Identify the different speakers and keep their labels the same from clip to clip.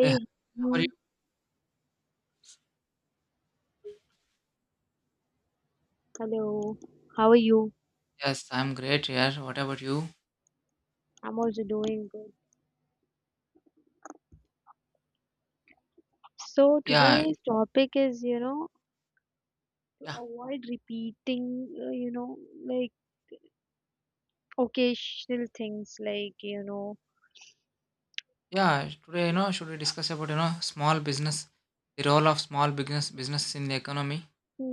Speaker 1: Hey, how are you?
Speaker 2: you. Hello. How are you?
Speaker 1: Yes, I'm great here. What about you?
Speaker 2: I'm also doing good. So
Speaker 1: Yeah,
Speaker 2: today's topic is, you know, to
Speaker 1: yeah,
Speaker 2: avoid repeating, you know, like occasional things like, you know,
Speaker 1: yeah. Today, should we discuss about, small business, the role of small business in the economy?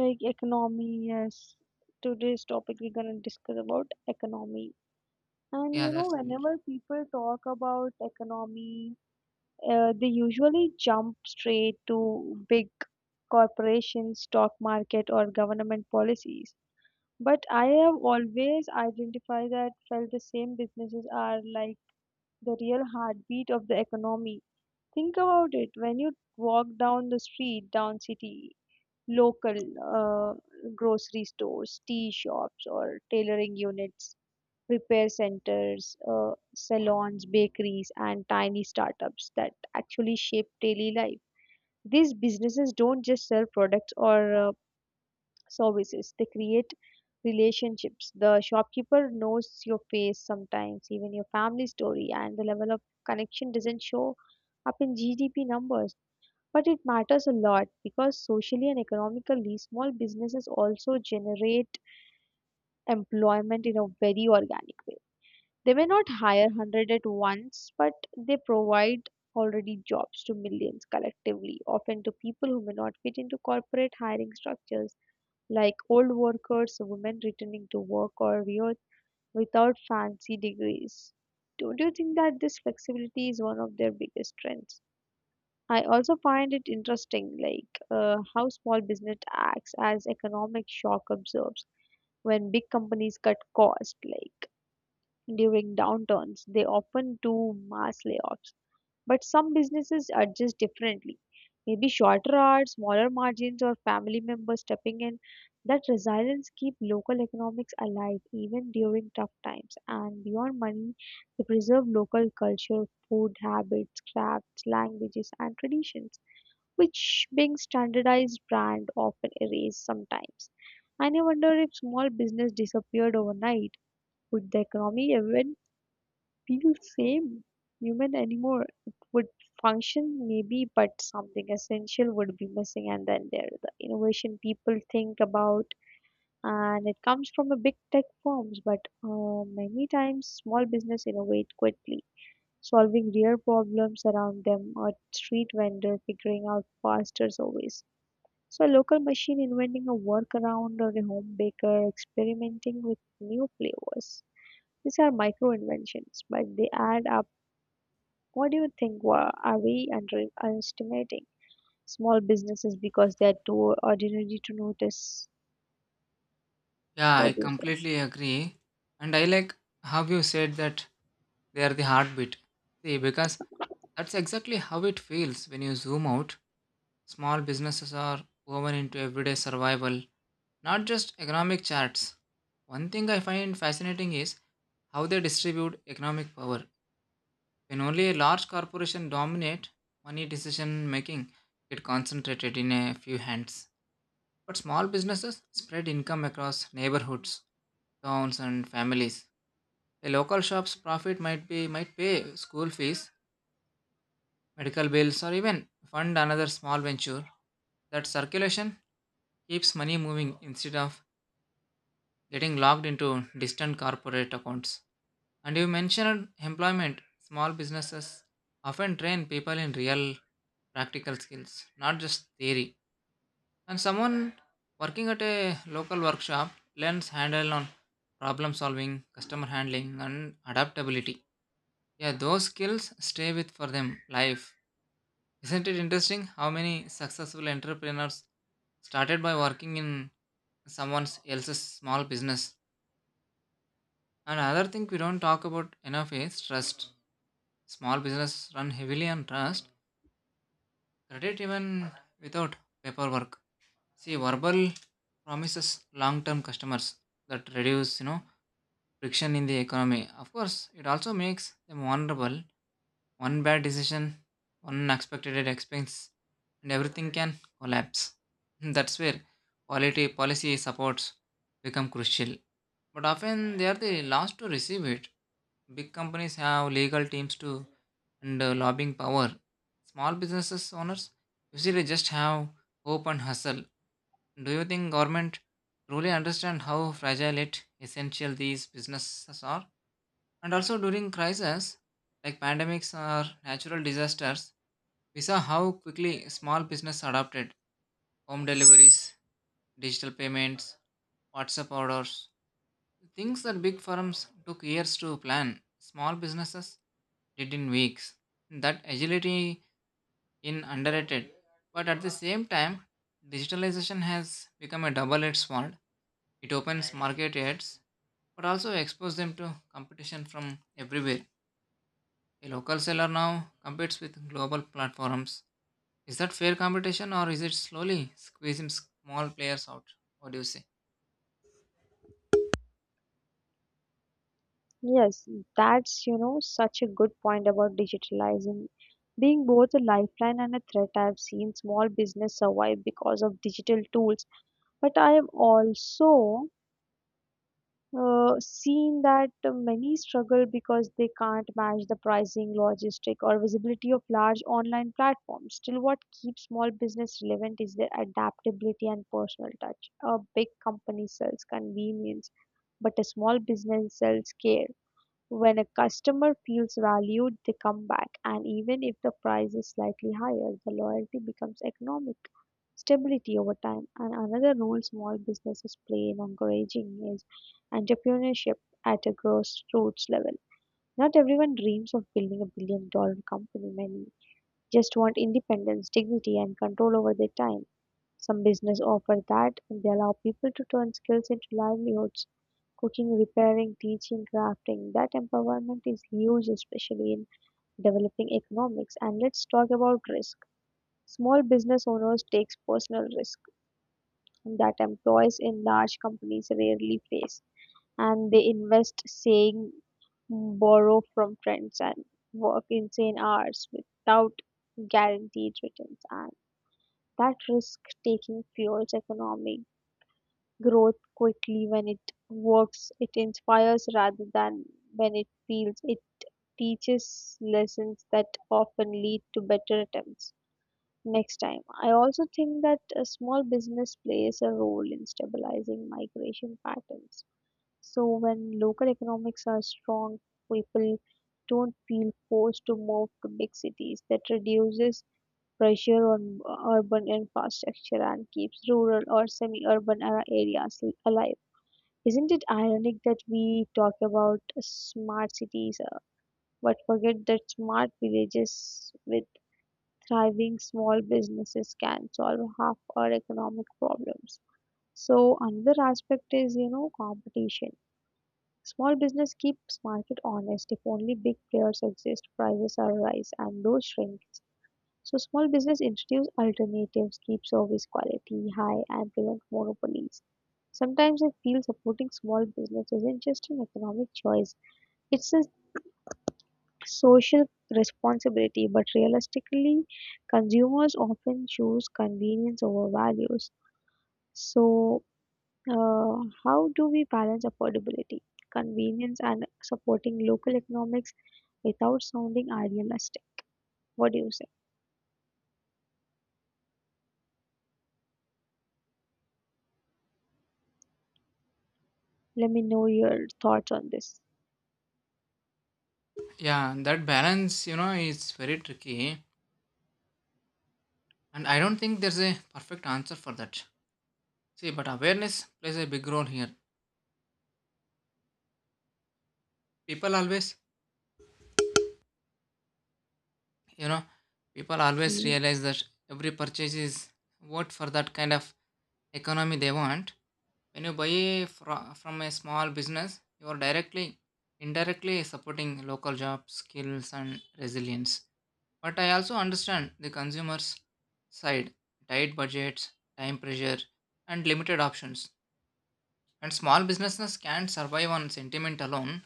Speaker 2: like economy. Yes. Today's topic we're gonna discuss about economy. And
Speaker 1: Yeah,
Speaker 2: you know,
Speaker 1: that's good.
Speaker 2: whenever people talk about economy, they usually jump straight to big corporations, stock market, or government policies. But I have always identified that felt the same businesses are like the real heartbeat of the economy. Think about it when you walk down the street, down city, local uh, grocery stores, tea shops, or tailoring units, repair centers, salons, bakeries, and tiny startups that actually shape daily life. These businesses don't just sell products or services. They create relationships. The shopkeeper knows your face sometimes, even your family story, and the level of connection doesn't show up in GDP numbers. But it matters a lot because socially and economically, small businesses also generate employment in a very organic way. They may not hire 100 at once, but they provide already jobs to millions collectively, often to people who may not fit into corporate hiring structures like old workers, women returning to work, or without fancy degrees. Do you think that this flexibility is one of their biggest strengths? I also find it interesting, like how small business acts as economic shock absorbs when big companies cut costs, like during downturns, they often do mass layoffs. But some businesses adjust differently. Maybe shorter hours, smaller margins, or family members stepping in. That resilience keep local economics alive even during tough times. And beyond money, they preserve local culture, food habits, crafts, languages, and traditions, which being standardized brand often erase sometimes. And I wonder if small business disappeared overnight, would the economy ever feel same human anymore. It would function maybe, but something essential would be missing. And then there the innovation people think about, and it comes from a big tech firms, but many times small business innovate quickly. Solving real problems around them, or street vendor figuring out faster ways. So, a local machine inventing a workaround, or a home baker experimenting with new flavors. These are micro inventions, but they add up. What do you think? Are we underestimating small businesses because they're too ordinary to notice?
Speaker 1: Yeah, I
Speaker 2: What do you say?
Speaker 1: completely agree. And I like how you said that they are the heartbeat. Because that's exactly how it feels when you zoom out. Small businesses are woven into everyday survival, not just economic charts. One thing I find fascinating is how they distribute economic power. When only a large corporation dominate, money decision making get concentrated in a few hands. But small businesses spread income across neighborhoods, towns and families. A local shop's profit might pay school fees, medical bills, or even fund another small venture. That circulation keeps money moving instead of getting locked into distant corporate accounts. And you mentioned employment. Small businesses often train people in real practical skills, not just theory. And someone working at a local workshop learns handle on problem solving, customer handling, and adaptability. Yeah, those skills stay with for them life. Isn't it interesting how many successful entrepreneurs started by working in someone else's small business? And another thing we don't talk about enough is trust. Small business run heavily on trust, credit even without paperwork. See, verbal promises, long-term customers that reduce, friction in the economy. Of course, it also makes them vulnerable. One bad decision, one unexpected expense, and everything can collapse. That's where quality policy supports become crucial. But often they are the last to receive it. Big companies have legal teams to and lobbying power. Small businesses owners usually just have hope and hustle. Do you think government truly understand how fragile it essential these businesses are? And also during crises like pandemics or natural disasters, we saw how quickly small business adapted home deliveries, digital payments, WhatsApp orders. Things that big firms took years to plan, small businesses did in weeks. That agility in underrated. But at the same time, digitalization has become a double-edged sword. It opens market edges, but also exposes them to competition from everywhere. A local seller now competes with global platforms. Is that fair competition or is it slowly squeezing small players out? What do you say?
Speaker 2: Yes, that's, you know, such a good point about digitalizing being both a lifeline and a threat. I've seen small business survive because of digital tools, but I am also seen that many struggle because they can't match the pricing, logistic, or visibility of large online platforms. Still, what keeps small business relevant is their adaptability and personal touch. A big company sells convenience, but a small business sells care. When a customer feels valued, they come back, and even if the price is slightly higher, the loyalty becomes economic stability over time. And another role small businesses play in encouraging is entrepreneurship at a grassroots level. Not everyone dreams of building a billion dollar company. Many just want independence, dignity, and control over their time. Some business offer that and they allow people to turn skills into livelihoods. Cooking, repairing, teaching, crafting. That empowerment is huge, especially in developing economics. And let's talk about risk. Small business owners takes personal risk that employees in large companies rarely face, and they invest, saying, borrow from friends and work insane hours without guaranteed returns. And that risk taking fuels economic growth quickly when it works, it inspires rather than when it feels. It teaches lessons that often lead to better attempts next time. I also think that a small business plays a role in stabilizing migration patterns. So when local economics are strong, people don't feel forced to move to big cities. That reduces pressure on urban infrastructure and keeps rural or semi-urban areas alive. Isn't it ironic that we talk about smart cities but forget that smart villages with thriving small businesses can solve half our economic problems. So another aspect is you know competition. Small business keeps market honest. If only big players exist, prices are rise and those shrinks. So small business introduce alternatives, keep service quality high, and prevent monopolies. Sometimes I feel supporting small business isn't just an economic choice, it's a social responsibility, but realistically, consumers often choose convenience over values. So, uh, how do we balance affordability, convenience, and supporting local economics without sounding idealistic? What do you say? Let me know your thoughts on this.
Speaker 1: Yeah, that balance, is very tricky. And I don't think there's a perfect answer for that. See, but awareness plays a big role here. People always, you know, people always
Speaker 2: Mm.
Speaker 1: realize that every purchase is what for that kind of economy they want. When you buy from a small business, you are directly, indirectly supporting local jobs, skills, and resilience. But I also understand the consumer's side, tight budgets, time pressure, and limited options. And small businesses can't survive on sentiment alone.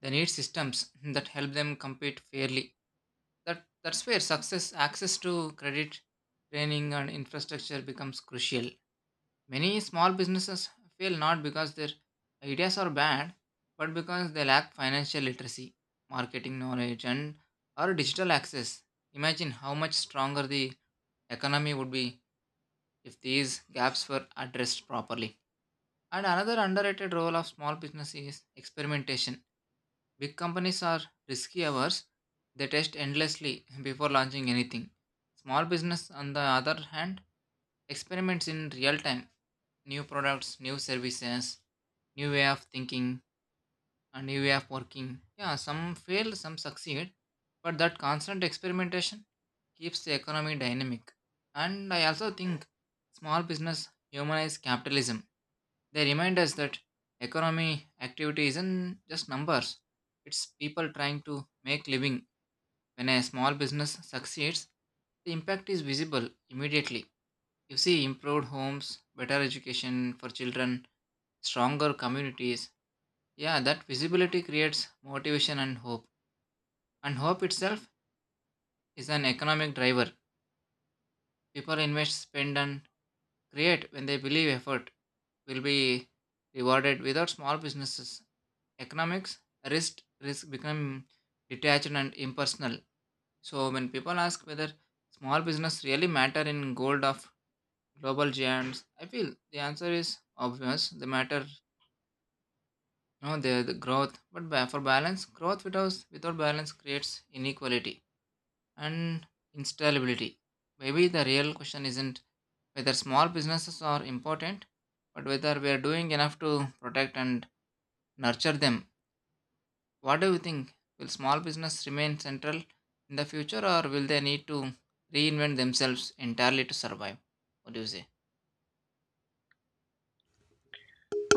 Speaker 1: They need systems that help them compete fairly. That's where success, access to credit, training, and infrastructure becomes crucial. Many small businesses fail not because their ideas are bad, but because they lack financial literacy, marketing knowledge, and or digital access. Imagine how much stronger the economy would be if these gaps were addressed properly. And another underrated role of small business is experimentation. Big companies are risky averse, they test endlessly before launching anything. Small business, on the other hand, experiments in real time, new products, new services, new way of thinking, a new way of working. Yeah, some fail, some succeed, but that constant experimentation keeps the economy dynamic. And I also think small business humanize capitalism. They remind us that economy activity isn't just numbers, it's people trying to make living. When a small business succeeds, the impact is visible immediately. You see improved homes, better education for children, stronger communities. Yeah, that visibility creates motivation and hope. And hope itself is an economic driver. People invest, spend, and create when they believe effort will be rewarded. Without small businesses, economics risk become detached and impersonal. So when people ask whether small business really matter in gold of global giants, I feel the answer is obvious. They matter. No, there the growth, but for balance, growth without balance creates inequality and instability. Maybe the real question isn't whether small businesses are important, but whether we are doing enough to protect and nurture them. What do you think? Will small business remain central in the future, or will they need to reinvent themselves entirely to survive? What do you say?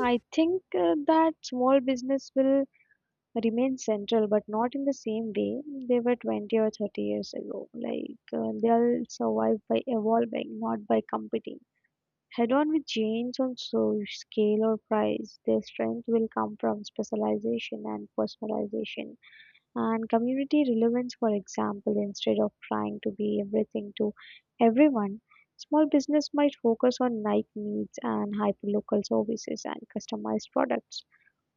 Speaker 2: I think that small business will remain central, but not in the same way they were 20 or 30 years ago. Like they'll survive by evolving, not by competing. Head on with change on so scale or price, their strength will come from specialization and personalization and community relevance, for example, instead of trying to be everything to everyone. Small business might focus on niche needs and hyperlocal services and customized products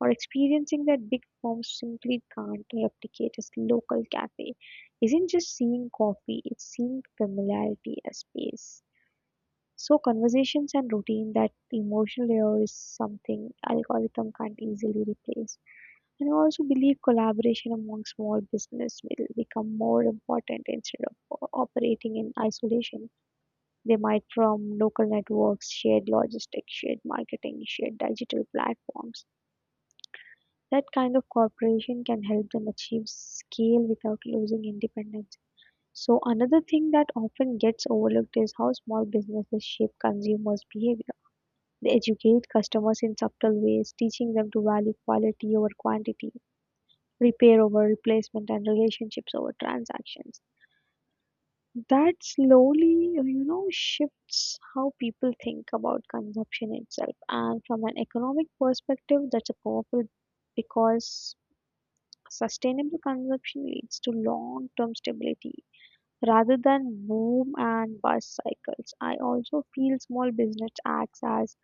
Speaker 2: or experiencing that big firm simply can't replicate as local cafe isn't just seeing coffee, it's seeing familiarity as space. So conversations and routine, that emotional layer is something algorithm can't easily replace. And I also believe collaboration among small business will become more important instead of operating in isolation. They might from local networks, shared logistics, shared marketing, shared digital platforms that kind of cooperation can help them achieve scale without losing independence. So, another thing that often gets overlooked is how small businesses shape consumers' behavior. They educate customers in subtle ways, teaching them to value quality over quantity, repair over replacement, and relationships over transactions. That slowly, you know, shifts how people think about consumption itself. And from an economic perspective, that's a powerful because sustainable consumption leads to long-term stability rather than boom and bust cycles. I also feel small business acts as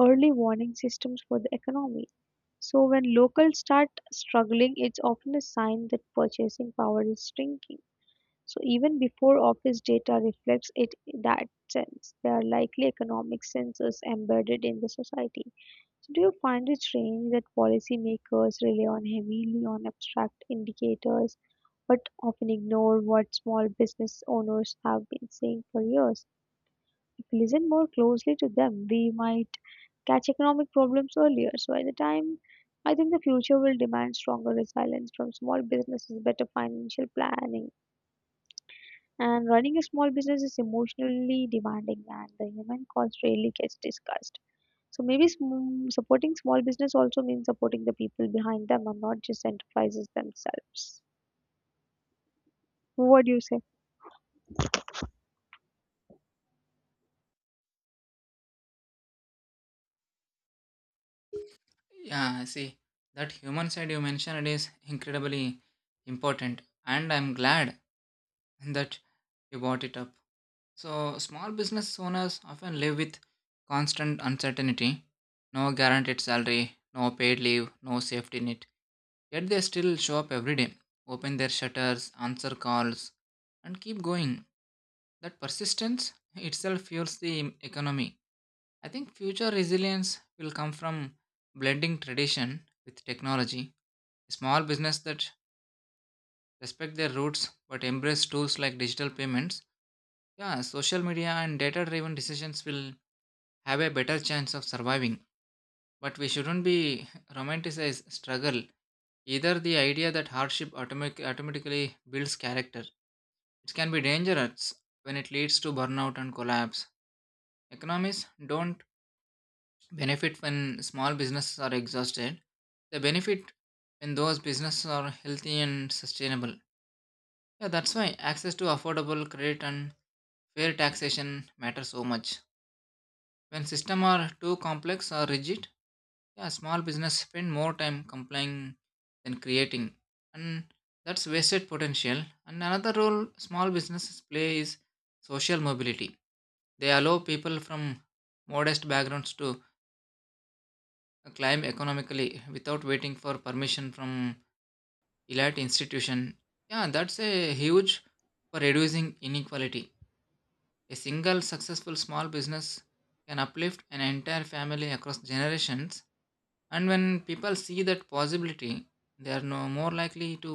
Speaker 2: early warning systems for the economy. So when locals start struggling, it's often a sign that purchasing power is shrinking. So even before office data reflects it in that sense, there are likely economic sensors embedded in the society. So do you find it strange that policymakers rely on heavily on abstract indicators but often ignore what small business owners have been saying for years? If we listen more closely to them, we might catch economic problems earlier. So by the time I think the future will demand stronger resilience from small businesses, better financial planning. And running a small business is emotionally demanding and the human cost rarely gets discussed. So maybe supporting small business also means supporting the people behind them and not just enterprises themselves. What do you say?
Speaker 1: Yeah, I see. That human side you mentioned is incredibly important, and I'm glad and that you bought it up. So, small business owners often live with constant uncertainty, no guaranteed salary, no paid leave, no safety net. Yet they still show up every day, open their shutters, answer calls, and keep going. That persistence itself fuels the economy. I think future resilience will come from blending tradition with technology. Small business that respect their roots but embrace tools like digital payments, yeah, social media and data driven decisions will have a better chance of surviving, but we shouldn't be romanticize struggle. Either the idea that hardship automatically builds character. It can be dangerous when it leads to burnout and collapse. Economists don't benefit when small businesses are exhausted. They benefit when those businesses are healthy and sustainable. Yeah, that's why access to affordable credit and fair taxation matter so much. When systems are too complex or rigid, yeah, small business spend more time complying than creating, and that's wasted potential. And another role small businesses play is social mobility. They allow people from modest backgrounds to climb economically without waiting for permission from elite institution. Yeah, that's a huge for reducing inequality. A single successful small business can uplift an entire family across generations. And when people see that possibility, they are no more likely to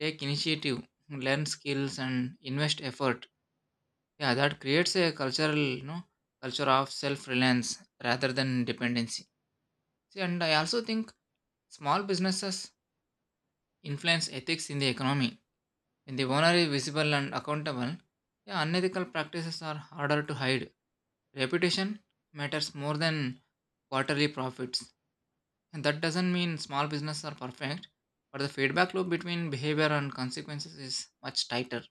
Speaker 1: take initiative, learn skills, and invest effort. Yeah, that creates a cultural, culture of self-reliance rather than dependency. See, and I also think small businesses influence ethics in the economy. When the owner is visible and accountable, yeah, unethical practices are harder to hide. Reputation matters more than quarterly profits. And that doesn't mean small businesses are perfect, but the feedback loop between behavior and consequences is much tighter.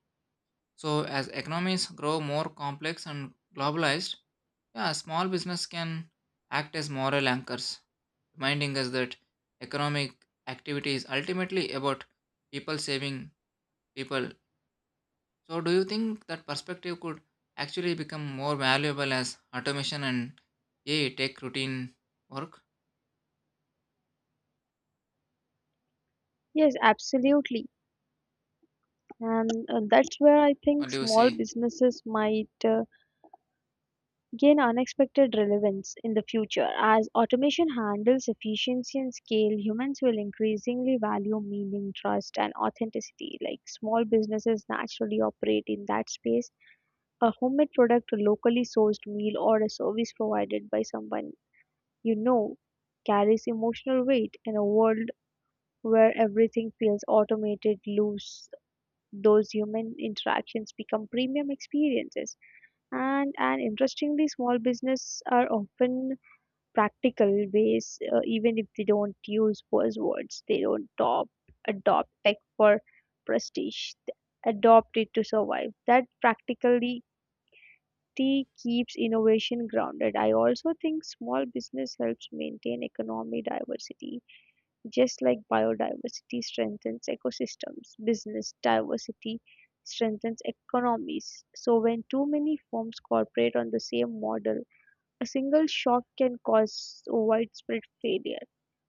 Speaker 1: So, as economies grow more complex and globalized, yeah, small business can act as moral anchors, reminding us that economic activity is ultimately about people saving people. So, do you think that perspective could actually become more valuable as automation and AI take routine work?
Speaker 2: Yes, absolutely. And that's where I think
Speaker 1: What do you
Speaker 2: small
Speaker 1: say?
Speaker 2: businesses might gain unexpected relevance in the future. As automation handles efficiency and scale, humans will increasingly value meaning, trust, and authenticity. Like small businesses naturally operate in that space. A homemade product, a locally sourced meal, or a service provided by someone you know carries emotional weight in a world where everything feels automated loose those human interactions become premium experiences and interestingly small business are often practical ways even if they don't use buzzwords they don't adopt, adopt tech for prestige they adopt it to survive that practicality keeps innovation grounded. I also think small business helps maintain economic diversity just like biodiversity strengthens ecosystems, business diversity strengthens economies. So, when too many firms cooperate on the same model, a single shock can cause widespread failure.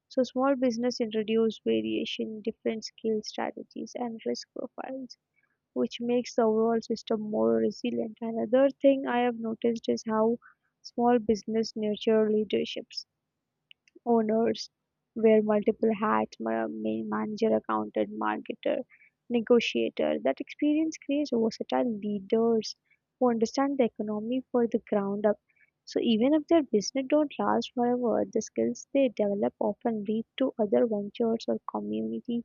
Speaker 2: So, small business introduce variation, different skill strategies, and risk profiles, which makes the overall system more resilient. Another thing I have noticed is how small business nurture leaderships owners wear multiple hats manager, accountant, marketer, negotiator. That experience creates versatile leaders who understand the economy for the ground up. So even if their business don't last forever, the skills they develop often lead to other ventures or community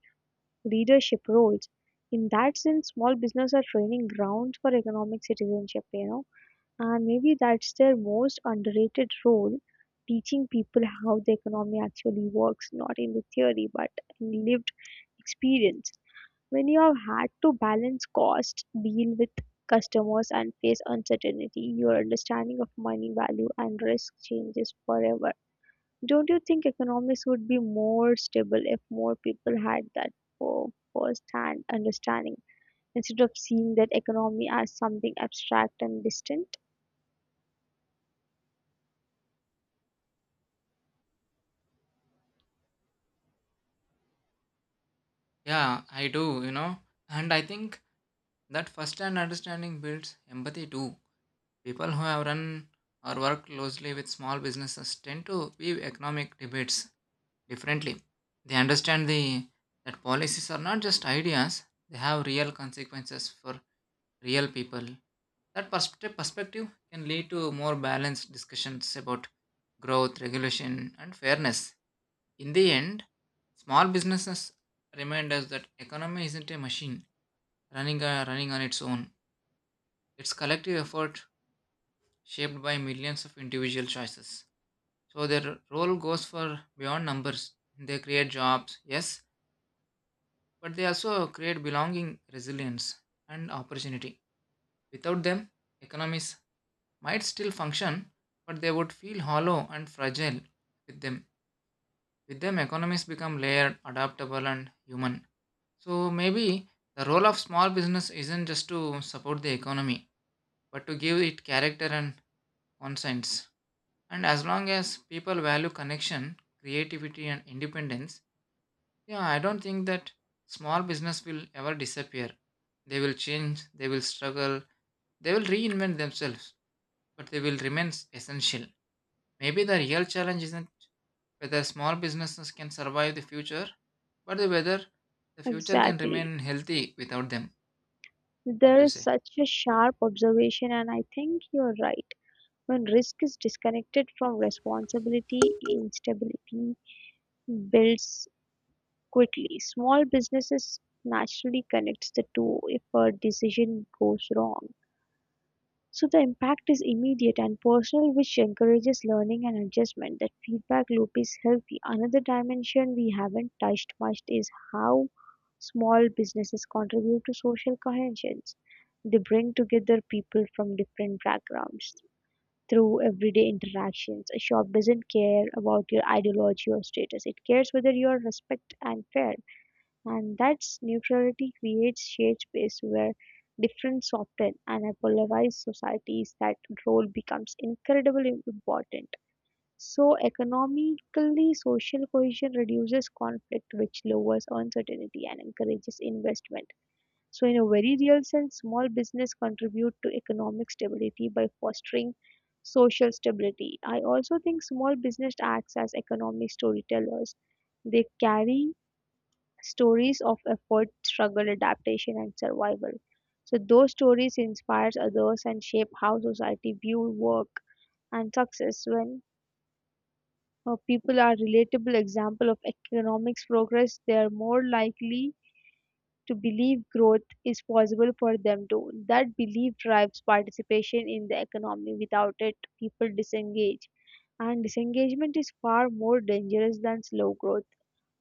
Speaker 2: leadership roles. In that sense, small business are training grounds for economic citizenship, you know. And maybe that's their most underrated role, teaching people how the economy actually works, not in the theory, but in lived experience. When you have had to balance costs, deal with customers, and face uncertainty, your understanding of money value and risk changes forever. Don't you think economics would be more stable if more people had that for first hand understanding instead of seeing that economy as something abstract and distant?
Speaker 1: Yeah, I do, you know. And I think that first hand understanding builds empathy too. People who have run or worked closely with small businesses tend to view economic debates differently. They understand the that policies are not just ideas, they have real consequences for real people. That perspective can lead to more balanced discussions about growth, regulation, and fairness. In the end, small businesses remind us that economy isn't a machine running on its own, it's collective effort shaped by millions of individual choices. So their role goes for beyond numbers. They create jobs, yes, but they also create belonging, resilience, and opportunity. Without them, economies might still function, but they would feel hollow and fragile with them. With them, economies become layered, adaptable, and human. So maybe the role of small business isn't just to support the economy, but to give it character and conscience. And as long as people value connection, creativity, and independence, yeah, I don't think that small business will ever disappear. They will change, they will struggle, they will reinvent themselves, but they will remain essential. Maybe the real challenge isn't whether small businesses can survive the future, but whether the future can
Speaker 2: Exactly.
Speaker 1: remain healthy without them. What do
Speaker 2: There
Speaker 1: you
Speaker 2: is
Speaker 1: say?
Speaker 2: such a sharp observation, and I think you're right. When risk is disconnected from responsibility, instability builds quickly. Small businesses naturally connects the two if a decision goes wrong. So the impact is immediate and personal, which encourages learning and adjustment. That feedback loop is healthy. Another dimension we haven't touched much is how small businesses contribute to social cohesion. They bring together people from different backgrounds through everyday interactions. A shop doesn't care about your ideology or status, it cares whether you are respect and fair. And that neutrality creates shared space where difference soften, and a polarized societies that role becomes incredibly important. So economically, social cohesion reduces conflict, which lowers uncertainty and encourages investment. So in a very real sense, small business contribute to economic stability by fostering social stability. I also think small business acts as economic storytellers. They carry stories of effort, struggle, adaptation, and survival. So those stories inspires others and shape how society view work and success. When people are relatable example of economics progress, they are more likely to believe growth is possible for them too. That belief drives participation in the economy. Without it, people disengage. And disengagement is far more dangerous than slow growth.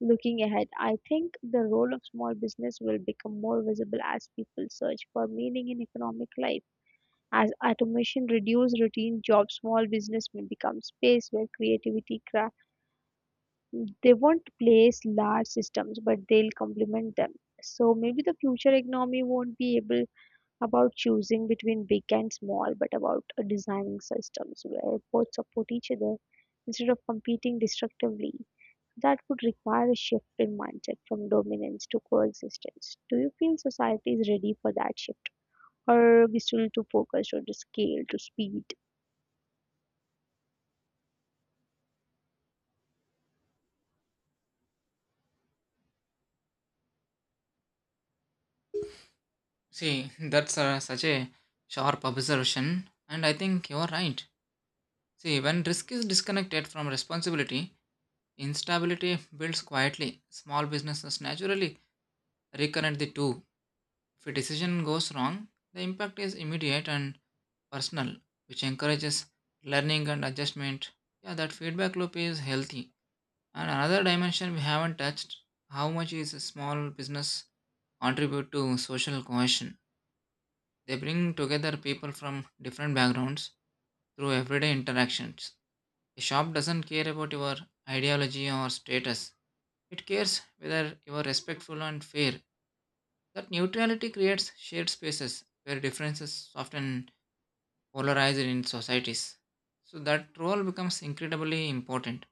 Speaker 2: Looking ahead, I think the role of small business will become more visible as people search for meaning in economic life. As automation reduces routine jobs, small business may become space where creativity craft. They won't place large systems, but they'll complement them. So maybe the future economy won't be able about choosing between big and small, but about designing systems where both support each other instead of competing destructively. That would require a shift in mindset from dominance to coexistence. Do you feel society is ready for that shift? Or are we still too focused on the scale, to speed?
Speaker 1: That's such a sharp observation, and I think you're right. See, when risk is disconnected from responsibility, instability builds quietly. Small businesses naturally reconnect the two. If a decision goes wrong, the impact is immediate and personal, which encourages learning and adjustment. Yeah, that feedback loop is healthy. And another dimension we haven't touched how much is a small business contribute to social cohesion? They bring together people from different backgrounds through everyday interactions. A shop doesn't care about your ideology or status, it cares whether you are respectful and fair. That neutrality creates shared spaces where differences often polarize in societies. So that role becomes incredibly important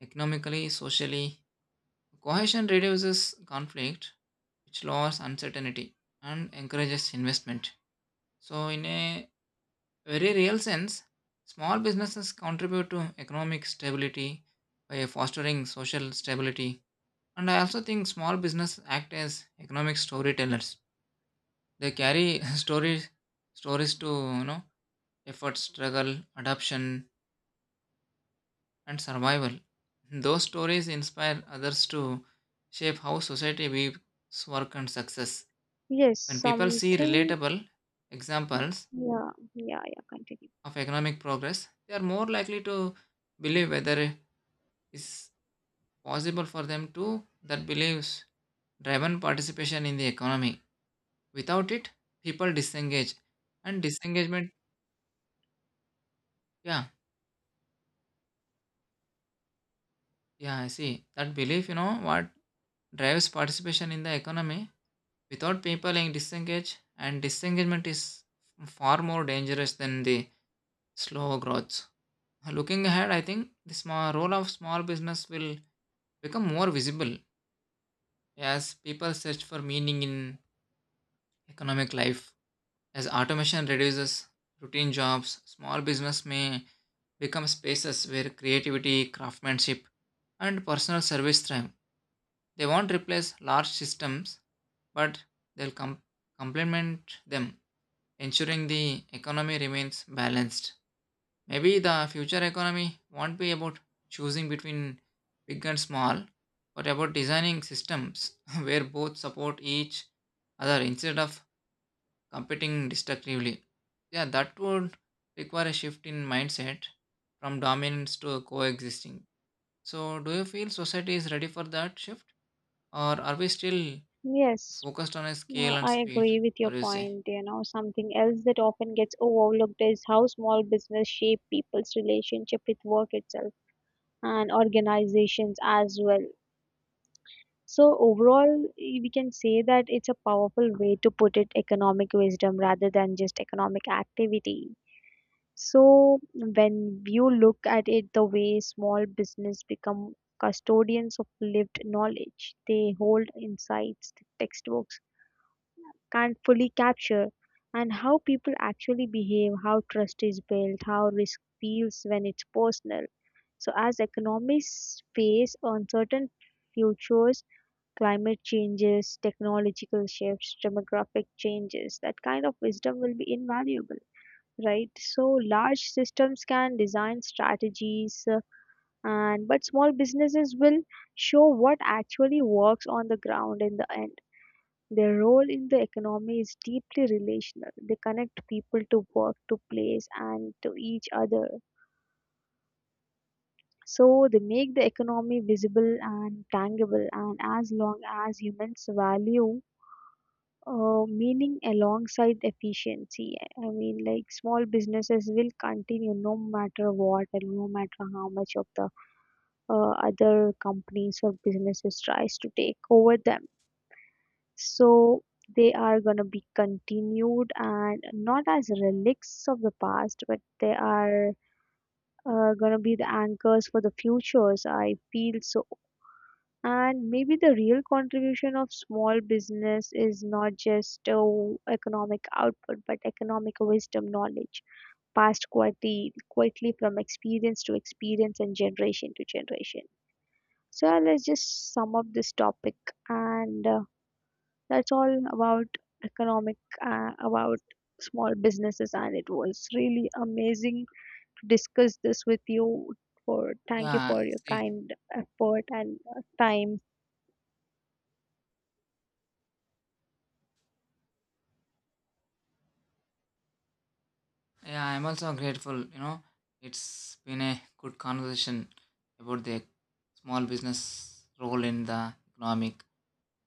Speaker 1: economically, socially. Cohesion reduces conflict, which lowers uncertainty and encourages investment. So, in a very real sense, small businesses contribute to economic stability by fostering social stability. And I also think small business act as economic storytellers. They carry stories to, you know effort, struggle, adoption, and survival. Those stories inspire others to shape how society views work and success.
Speaker 2: Yes,
Speaker 1: When people see
Speaker 2: something.
Speaker 1: relatable examples
Speaker 2: Yeah, yeah, yeah, continue.
Speaker 1: of economic progress, they are more likely to believe whether it is possible for them to that believes driven participation in the economy. Without it, people disengage and disengagement. yeah yeah I see. That belief, what drives participation in the economy without people being disengaged, and disengagement is far more dangerous than the slow growth. Looking ahead, I think the small role of small business will become more visible as people search for meaning in economic life. As automation reduces routine jobs, small business may become spaces where creativity, craftsmanship, and personal service thrive. They won't replace large systems, but they'll complement them, ensuring the economy remains balanced. Maybe the future economy won't be about choosing between big and small, but about designing systems where both support each other instead of competing destructively. Yeah, that would require a shift in mindset from dominance to coexisting. So, do you feel society is ready for that shift? Or are we still
Speaker 2: Yes,
Speaker 1: focused on a scale and
Speaker 2: I
Speaker 1: speed?
Speaker 2: agree with your
Speaker 1: What do you say?
Speaker 2: point. Something else that often gets overlooked is how small business shape people's relationship with work itself and organizations as well. So overall, we can say that it's a powerful way to put it economic wisdom rather than just economic activity. So when you look at it the way small business become custodians of lived knowledge, they hold insights that textbooks can't fully capture and how people actually behave, how trust is built, how risk feels when it's personal. So as economists face uncertain futures, climate changes, technological shifts, demographic changes, that kind of wisdom will be invaluable, right? So large systems can design strategies, and but small businesses will show what actually works on the ground in the end. Their role in the economy is deeply relational. They connect people to work, to place, and to each other. So they make the economy visible and tangible. And as long as humans value meaning alongside efficiency. I mean, like small businesses will continue no matter what and no matter how much of the other companies or businesses tries to take over them. So they are gonna be continued and not as relics of the past, but they are gonna be the anchors for the futures. I feel so and maybe the real contribution of small business is not just economic output, but economic wisdom, knowledge passed quietly, quietly from experience to experience and generation to generation. So let's just sum up this topic, and that's all about economic, about small businesses. And it was really amazing to discuss this with you. For thank you
Speaker 1: Yeah,
Speaker 2: for your
Speaker 1: see,
Speaker 2: kind effort and time.
Speaker 1: yeah, I'm also grateful. You know, it's been a good conversation about the small business role in the economic.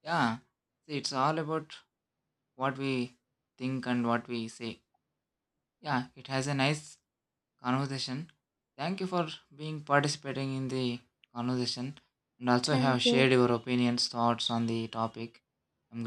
Speaker 1: Yeah, see, it's all about what we think and what we say. Yeah, it has a nice conversation. Thank you for being participating in the conversation and also have
Speaker 2: Thank you.
Speaker 1: shared your opinions, thoughts on the topic. I'm